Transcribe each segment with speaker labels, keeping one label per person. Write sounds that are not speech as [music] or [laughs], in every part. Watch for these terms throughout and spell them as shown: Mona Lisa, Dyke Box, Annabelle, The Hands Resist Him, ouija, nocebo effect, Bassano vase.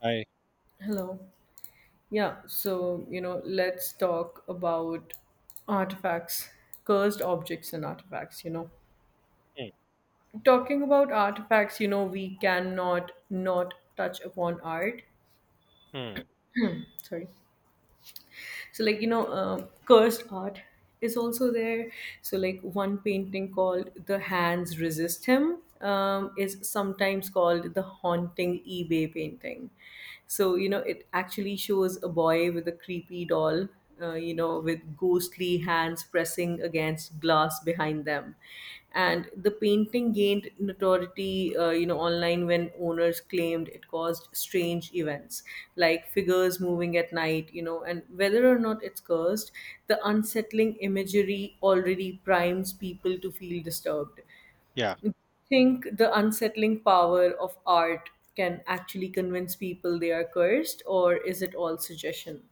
Speaker 1: I.
Speaker 2: Hello. Let's talk about artifacts, cursed objects and artifacts.
Speaker 1: hmm
Speaker 2: Talking about artifacts, we cannot not touch upon art.
Speaker 1: mm,
Speaker 2: Sorry. Cursed art is also there. So, like, one painting called The Hands Resist Him is sometimes called the Haunting eBay painting. It actually shows a boy with a creepy doll with ghostly hands pressing against glass behind them. And the painting gained notoriety online when owners claimed it caused strange events, like figures moving at night, and whether or not it's cursed, the unsettling imagery already primes people to feel disturbed.
Speaker 1: yeah.
Speaker 2: Think the unsettling power of art can actually convince people they are cursed, or is it all suggestion?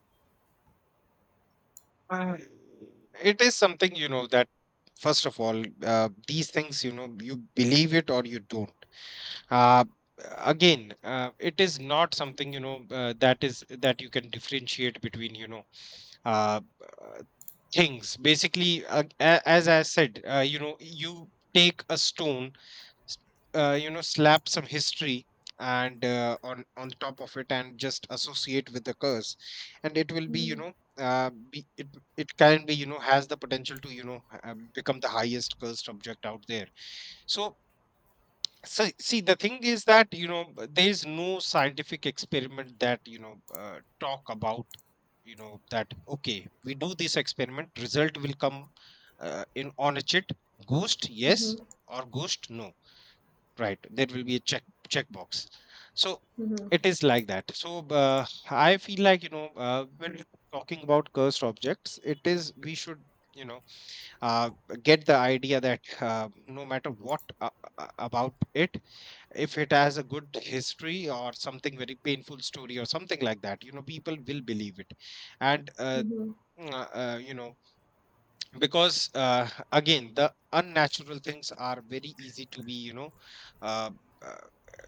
Speaker 1: Uh, it is something, you know, that first of all, these things, you know, you believe it or you don't. Uh, again uh, it is not something, you know, that is that you can differentiate between, you know uh, uh, things basically. As I said, you know, you take a stone, s- you know, slap some history and on the top of it and just associate with the curse, and it will be, you know, it it can be, you know, has the potential to, you know, become the highest cursed object out there. So so see, the thing is that, you know, there is no scientific experiment that, you know, talk about, you know, that okay, we do this experiment, result will come, in on a chit, ghost yes or ghost no, right? There will be a check, checkbox. So it is like that. So I feel like, you know, when talking about cursed objects, it is we should, you know, uh, get the idea that, no matter what about it, if it has a good history or something very painful story or something like that, you know, people will believe it. and uh,
Speaker 2: Mm-hmm.
Speaker 1: uh, uh, you know, because, again, the unnatural things are very easy to be, you know, uh, uh,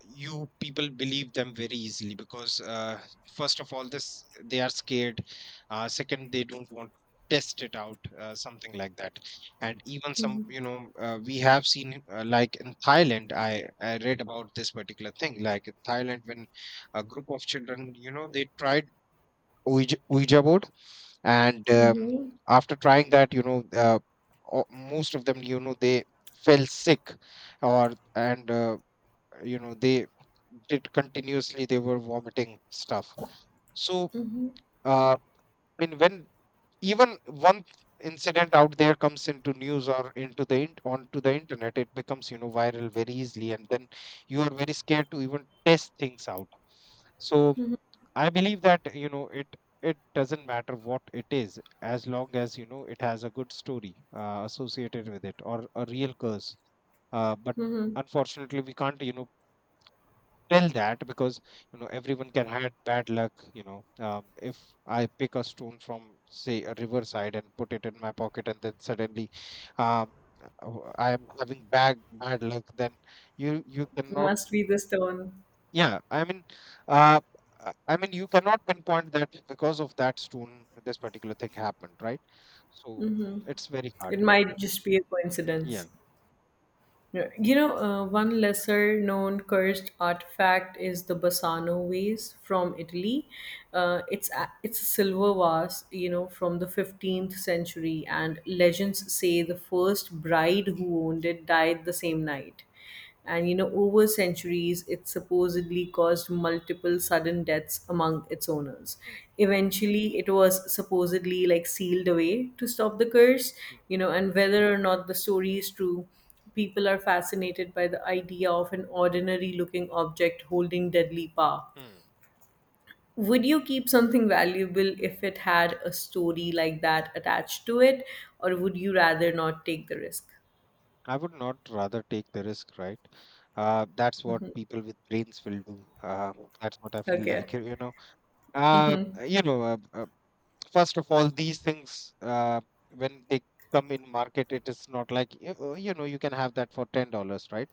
Speaker 1: you people believe them very easily because, first of all, this they are scared, second, they don't want to test it out, something like that. And even some, you know, we have seen, like in Thailand, I read about this particular thing, like in Thailand, when a group of children, you know, they tried Ouija, Ouija board, and
Speaker 2: Mm-hmm.
Speaker 1: after trying that, you know, most of them, you know, they fell sick or and you know, they did continuously, they were vomiting stuff. So
Speaker 2: Mm-hmm.
Speaker 1: uh, I mean, when even one incident out there comes into news or into the onto the internet, it becomes, you know, viral very easily, and then you are very scared to even test things out. So I believe that, you know, it doesn't matter what it is, as long as, you know, it has a good story associated with it or a real curse. But
Speaker 2: Mhm.
Speaker 1: unfortunately, we can't, you know, tell that, because, you know, everyone can have bad luck. You know, if I pick a stone from, say, a riverside and put it in my pocket, and then suddenly um, I am having bad luck, then you cannot.
Speaker 2: Must be the stone.
Speaker 1: Yeah, uh, I mean, you cannot pinpoint that because of that stone, this particular thing happened, right? So it's very
Speaker 2: It
Speaker 1: hard.
Speaker 2: might just be a
Speaker 1: Yeah.
Speaker 2: coincidence. Yeah. One lesser known cursed artifact is the Bassano vase from Italy. It's a silver vase from the 15th century, and legends say the first bride who owned it died the same night. Over centuries, it supposedly caused multiple sudden deaths among its owners.
Speaker 1: Mm,
Speaker 2: Eventually, it was supposedly like sealed away to stop the curse,
Speaker 1: mm,
Speaker 2: and whether or not the story is true, people are fascinated by the idea of an ordinary looking object holding deadly power.
Speaker 1: mm.
Speaker 2: Would you keep something valuable if it had a story like that attached to it, or would you rather not take the risk?
Speaker 1: I would not rather take the risk, right? That's what people with brains will do. That's what I feel [laughs]
Speaker 2: Okay.
Speaker 1: like, you know. Uh, you know, first of all, these things, when they come in market, it is not like, you know, you can have that for $10, right?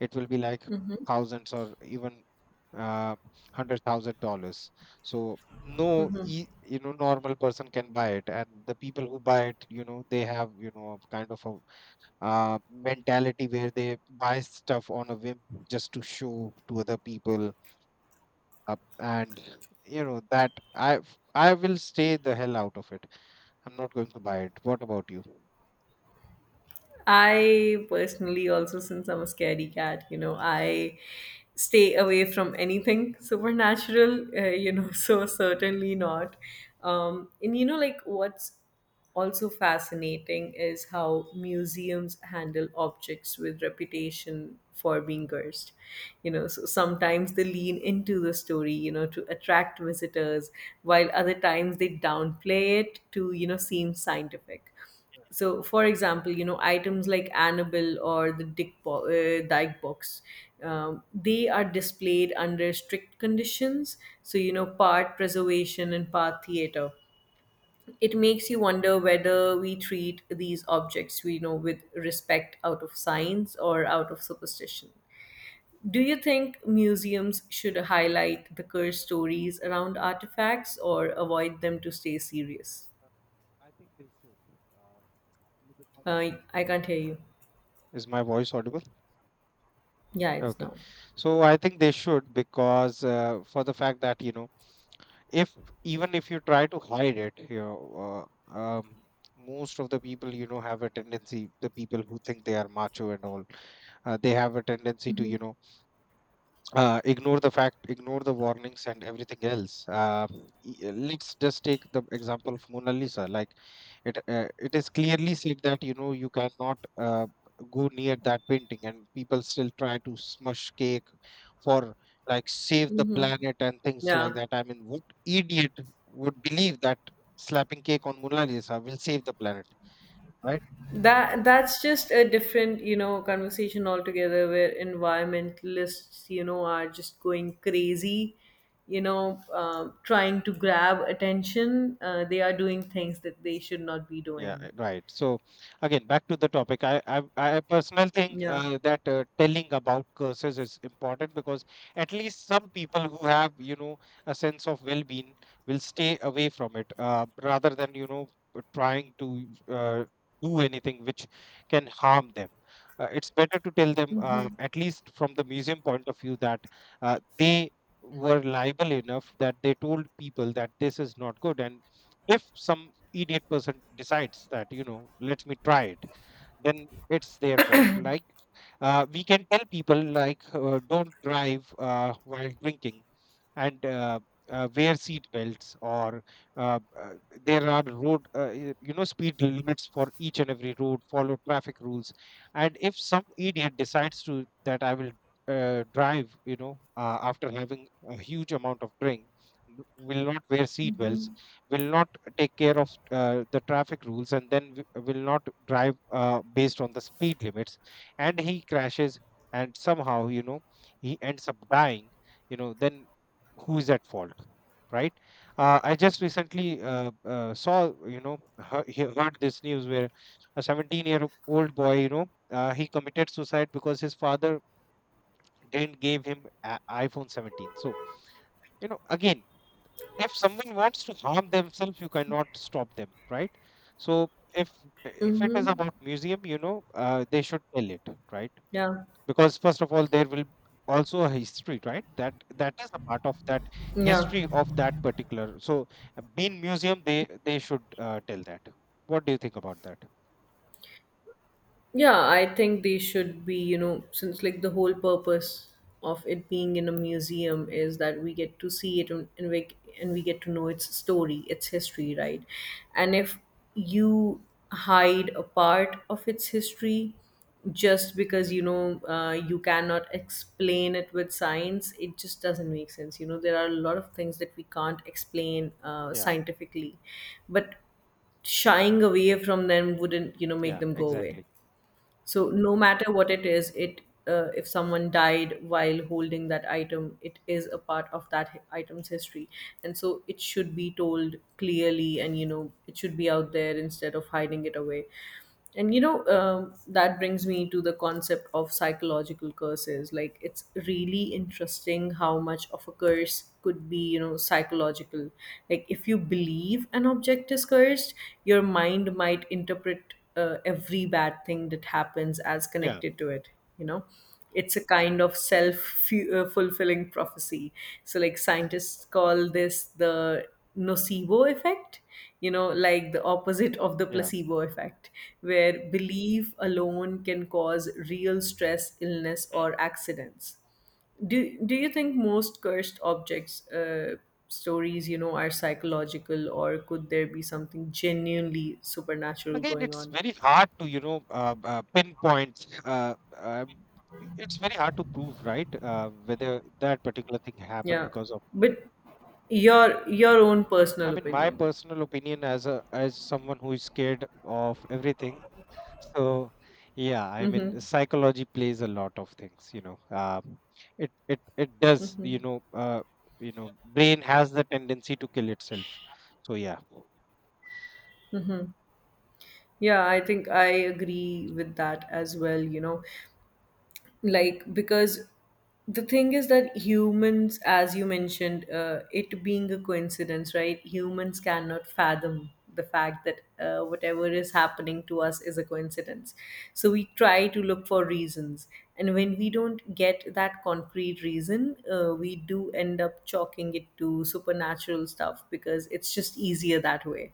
Speaker 1: It will be like thousands or even, uh, $100,000. So no, you know, normal person can buy it, and the people who buy it, you know, they have, you know, kind of a mentality where they buy stuff on a whim, just to show to other people. And you know, that I will stay the hell out of it. I'm not going to buy it. What about you?
Speaker 2: I personally also, since I'm a scary cat, I stay away from anything supernatural, [laughs] so certainly not. Like what's also fascinating is how museums handle objects with reputation for being cursed. So sometimes they lean into the story, to attract visitors, while other times they downplay it to, seem scientific. So for example, items like Annabelle or the dyke box they are displayed under strict conditions, so part preservation and part theater. It makes you wonder whether we treat these objects we know with respect out of science or out of superstition. Do you think museums should highlight the curse stories around artifacts or avoid them to stay serious?
Speaker 1: Uh, I think they should. Uh,
Speaker 2: I can't hear you.
Speaker 1: my voice audible?
Speaker 2: Yeah, it's
Speaker 1: Okay.
Speaker 2: now.
Speaker 1: So I think they should, because, for the fact that, you know, if even if you try to hide it, you know, uh, um, most of the people, you know, have a tendency, the people who think they are macho and all, they have a tendency to, you know, ignore the fact, ignore the warnings and everything else. Let's just take the example of Mona Lisa. Like, it is clearly said that, you know, you cannot, go near that painting, and people still try to smush cake for, like, save the planet and things like
Speaker 2: Yeah,
Speaker 1: that. I mean, what idiot would believe that slapping cake on Mona Lisa will save the planet? Right?
Speaker 2: that's just a different, conversation altogether where environmentalists, are just going crazy, trying to grab attention. They are doing things that they should not be
Speaker 1: Yeah,
Speaker 2: doing.
Speaker 1: right. So again, back to the topic. I personally think
Speaker 2: Yeah.
Speaker 1: that telling about curses is important, because at least some people who have, you know, a sense of well-being, will stay away from it, rather than, you know, trying to do anything which can harm them. It's better to tell them, at least from the museum point of view, that they were liable enough that they told people that this is not good, and if some idiot person decides that, you know, let me try it, then it's their fault. Like, we can tell people, like, don't drive while drinking, and wear seat belts, or uh, uh, there are road, you know, speed limits for each and every road, follow traffic rules. And if some idiot decides to that, I will drive, you know, after having a huge amount of drink, will not wear seat belts, will not take care of the traffic rules, and then will not drive based on the speed limits, and he crashes, and somehow, you know, he ends up dying, you know, then who is at fault? Right? I just recently saw, you know, heard, heard this news where a 17-year-old boy, you know, he committed suicide because his father didn't give him iphone 17. So, you know, again, if someone wants to harm themselves, you cannot stop them, right? So if if it is
Speaker 2: Mm-hmm.
Speaker 1: about museum, you know, they should tell it, right?
Speaker 2: Yeah.
Speaker 1: Because first of all, there will also a history, right, that that is a part of that
Speaker 2: Yeah.
Speaker 1: history of that particular. So being museum, they should tell that. What do you think about that?
Speaker 2: Yeah, I think they should be, since like the whole purpose of it being in a museum is that we get to see it and we get to know its story, its history, right? And if you hide a part of its history just because, you cannot explain it with science, it just doesn't make sense. You know, there are a lot of things that we can't explain
Speaker 1: Yeah,
Speaker 2: scientifically, but shying away from them wouldn't, make
Speaker 1: yeah,
Speaker 2: them go away.
Speaker 1: exactly.
Speaker 2: So no matter what it is, it if someone died while holding that item, it is a part of that item's history, and so it should be told clearly, and it should be out there instead of hiding it away. And you know That brings me to the concept of psychological curses. Like it's really interesting how much of a curse could be psychological. Like if you believe an object is cursed, your mind might interpret every bad thing that happens as
Speaker 1: Yeah,
Speaker 2: connected to it. you know it's a kind of self fulfilling prophecy. So like scientists call this the nocebo effect, like the opposite of the
Speaker 1: yeah.
Speaker 2: placebo effect, where belief alone can cause real stress, illness
Speaker 1: Hmm.
Speaker 2: or accidents. Do you think most cursed objects stories are psychological, or could there be something genuinely supernatural
Speaker 1: Again,
Speaker 2: going
Speaker 1: it's
Speaker 2: on?
Speaker 1: very hard to, you know, pinpoint, it's very hard to prove, right? Whether that particular thing happened
Speaker 2: Yeah,
Speaker 1: because of.
Speaker 2: but your own
Speaker 1: I
Speaker 2: personal
Speaker 1: mean, my
Speaker 2: opinion.
Speaker 1: personal opinion as a as someone who is scared of everything. So yeah, I
Speaker 2: Mm-hmm.
Speaker 1: mean, psychology plays a lot of things. You know, it does. You know, brain has the tendency to kill itself. So yeah.
Speaker 2: Yeah, I think I agree with that as well. You know, like because the thing is that humans, as you mentioned, it being a coincidence, right? Humans cannot fathom the fact that whatever is happening to us is a coincidence, so we try to look for reasons. And when we don't get that concrete reason, we do end up chalking it to supernatural stuff because it's just easier that way.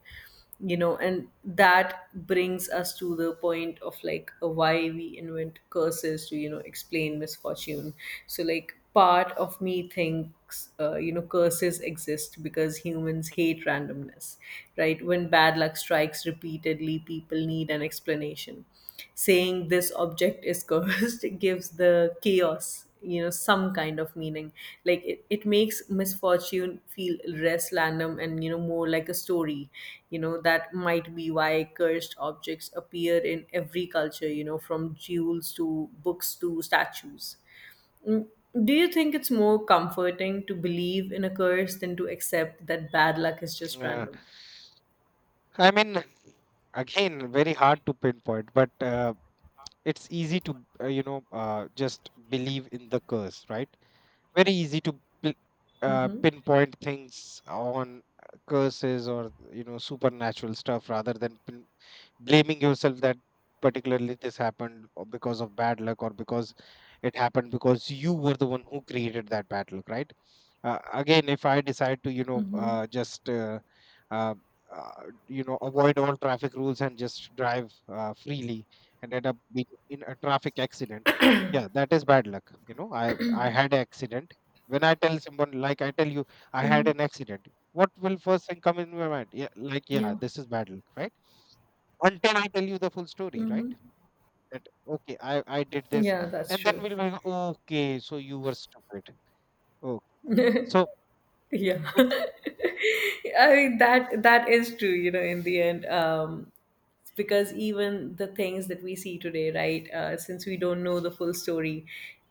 Speaker 2: And that brings us to the point of like why we invent curses to explain misfortune. So like part of me thinks curses exist because humans hate randomness. Right, when bad luck strikes repeatedly, people need an explanation. Saying this object is cursed [laughs] gives the chaos, some kind of meaning. Like it makes misfortune feel less random, and more like a story. You know, that might be why cursed objects appear in every culture, from jewels to books to statues. Mm, do you think it's more comforting to believe in a curse than to accept that bad luck is
Speaker 1: Mm,
Speaker 2: just random?
Speaker 1: I mean, again, very hard to pinpoint, but it's easy to you know, just believe in the curse, right? Very easy to pin-
Speaker 2: Mm-hmm.
Speaker 1: pinpoint things on curses or, you know, supernatural stuff rather than blaming yourself that particularly this happened or because of bad luck, or because it happened because you were the one who created that bad luck, right? Uh, again, if I decide to, you know,
Speaker 2: Mm-hmm.
Speaker 1: just uh, you know, avoid all traffic rules and just drive, freely, and end up being in a traffic accident, yeah, that is bad luck. You know, I had an accident. When I tell someone, like I tell you, I had
Speaker 2: Mm-hmm.
Speaker 1: an accident, what will first thing come in my mind? Yeah, like, yeah,
Speaker 2: Yeah.
Speaker 1: this is bad luck, right? Until I tell you the full story, right?
Speaker 2: Mm-hmm.
Speaker 1: That okay, I did this,
Speaker 2: Yeah, that's
Speaker 1: and then
Speaker 2: true.
Speaker 1: we'll be like, okay, so you were stupid. Oh, so
Speaker 2: Yeah.
Speaker 1: it's
Speaker 2: [laughs] I mean that is true, you know, in the end. Because even the things that we see today, right, since we don't know the full story,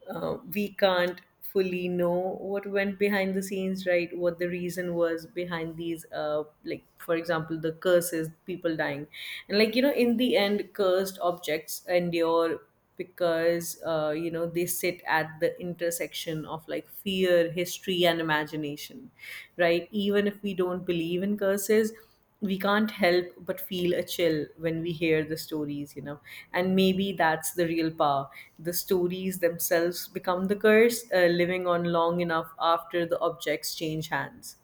Speaker 2: we can't fully know what went behind the scenes, right? What the reason was behind these, like, for example, the curses, people dying. And, like, you know, in the end, cursed objects endure because they sit at the intersection of like fear, history and imagination. Right, even if we don't believe in curses, we can't help but feel a chill when we hear the stories, you know. And maybe that's the real power. The stories themselves become the curse, living on long enough after the objects change hands.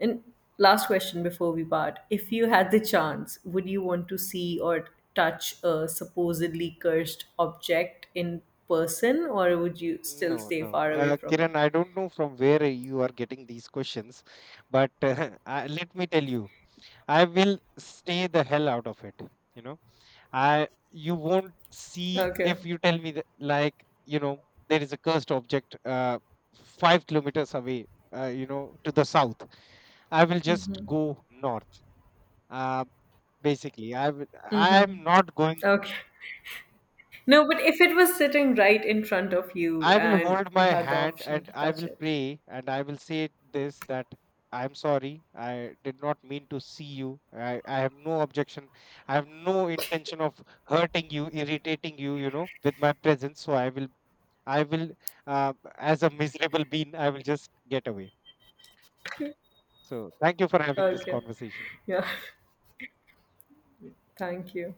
Speaker 2: And last question before we part, if you had the chance, would you want to see or touch a supposedly cursed object in person, or would you still
Speaker 1: no,
Speaker 2: stay
Speaker 1: no,
Speaker 2: far away from
Speaker 1: Kiran,
Speaker 2: it?
Speaker 1: I don't know from where you are getting these questions, but [laughs] let me tell you, I will stay the hell out of it. You know, I you won't see.
Speaker 2: Okay.
Speaker 1: If you tell me that, like, you know, there is a cursed object 5 kilometers away, you know, to the south, I will just go north. Uh, basically, I will. I am not going.
Speaker 2: Okay. No, but if it was sitting right in front of you
Speaker 1: I will
Speaker 2: and
Speaker 1: hold my
Speaker 2: you had the
Speaker 1: hand
Speaker 2: option
Speaker 1: and
Speaker 2: to
Speaker 1: I
Speaker 2: touch
Speaker 1: will
Speaker 2: it.
Speaker 1: pray and I will say this, that I'm sorry. I did not mean to see you. I have no objection. I have no intention of hurting you, irritating you, you know, with my presence. So I will I will, as a miserable bean, I will just get away. So thank you for having this
Speaker 2: Okay.
Speaker 1: conversation.
Speaker 2: Yeah. [laughs] Thank you.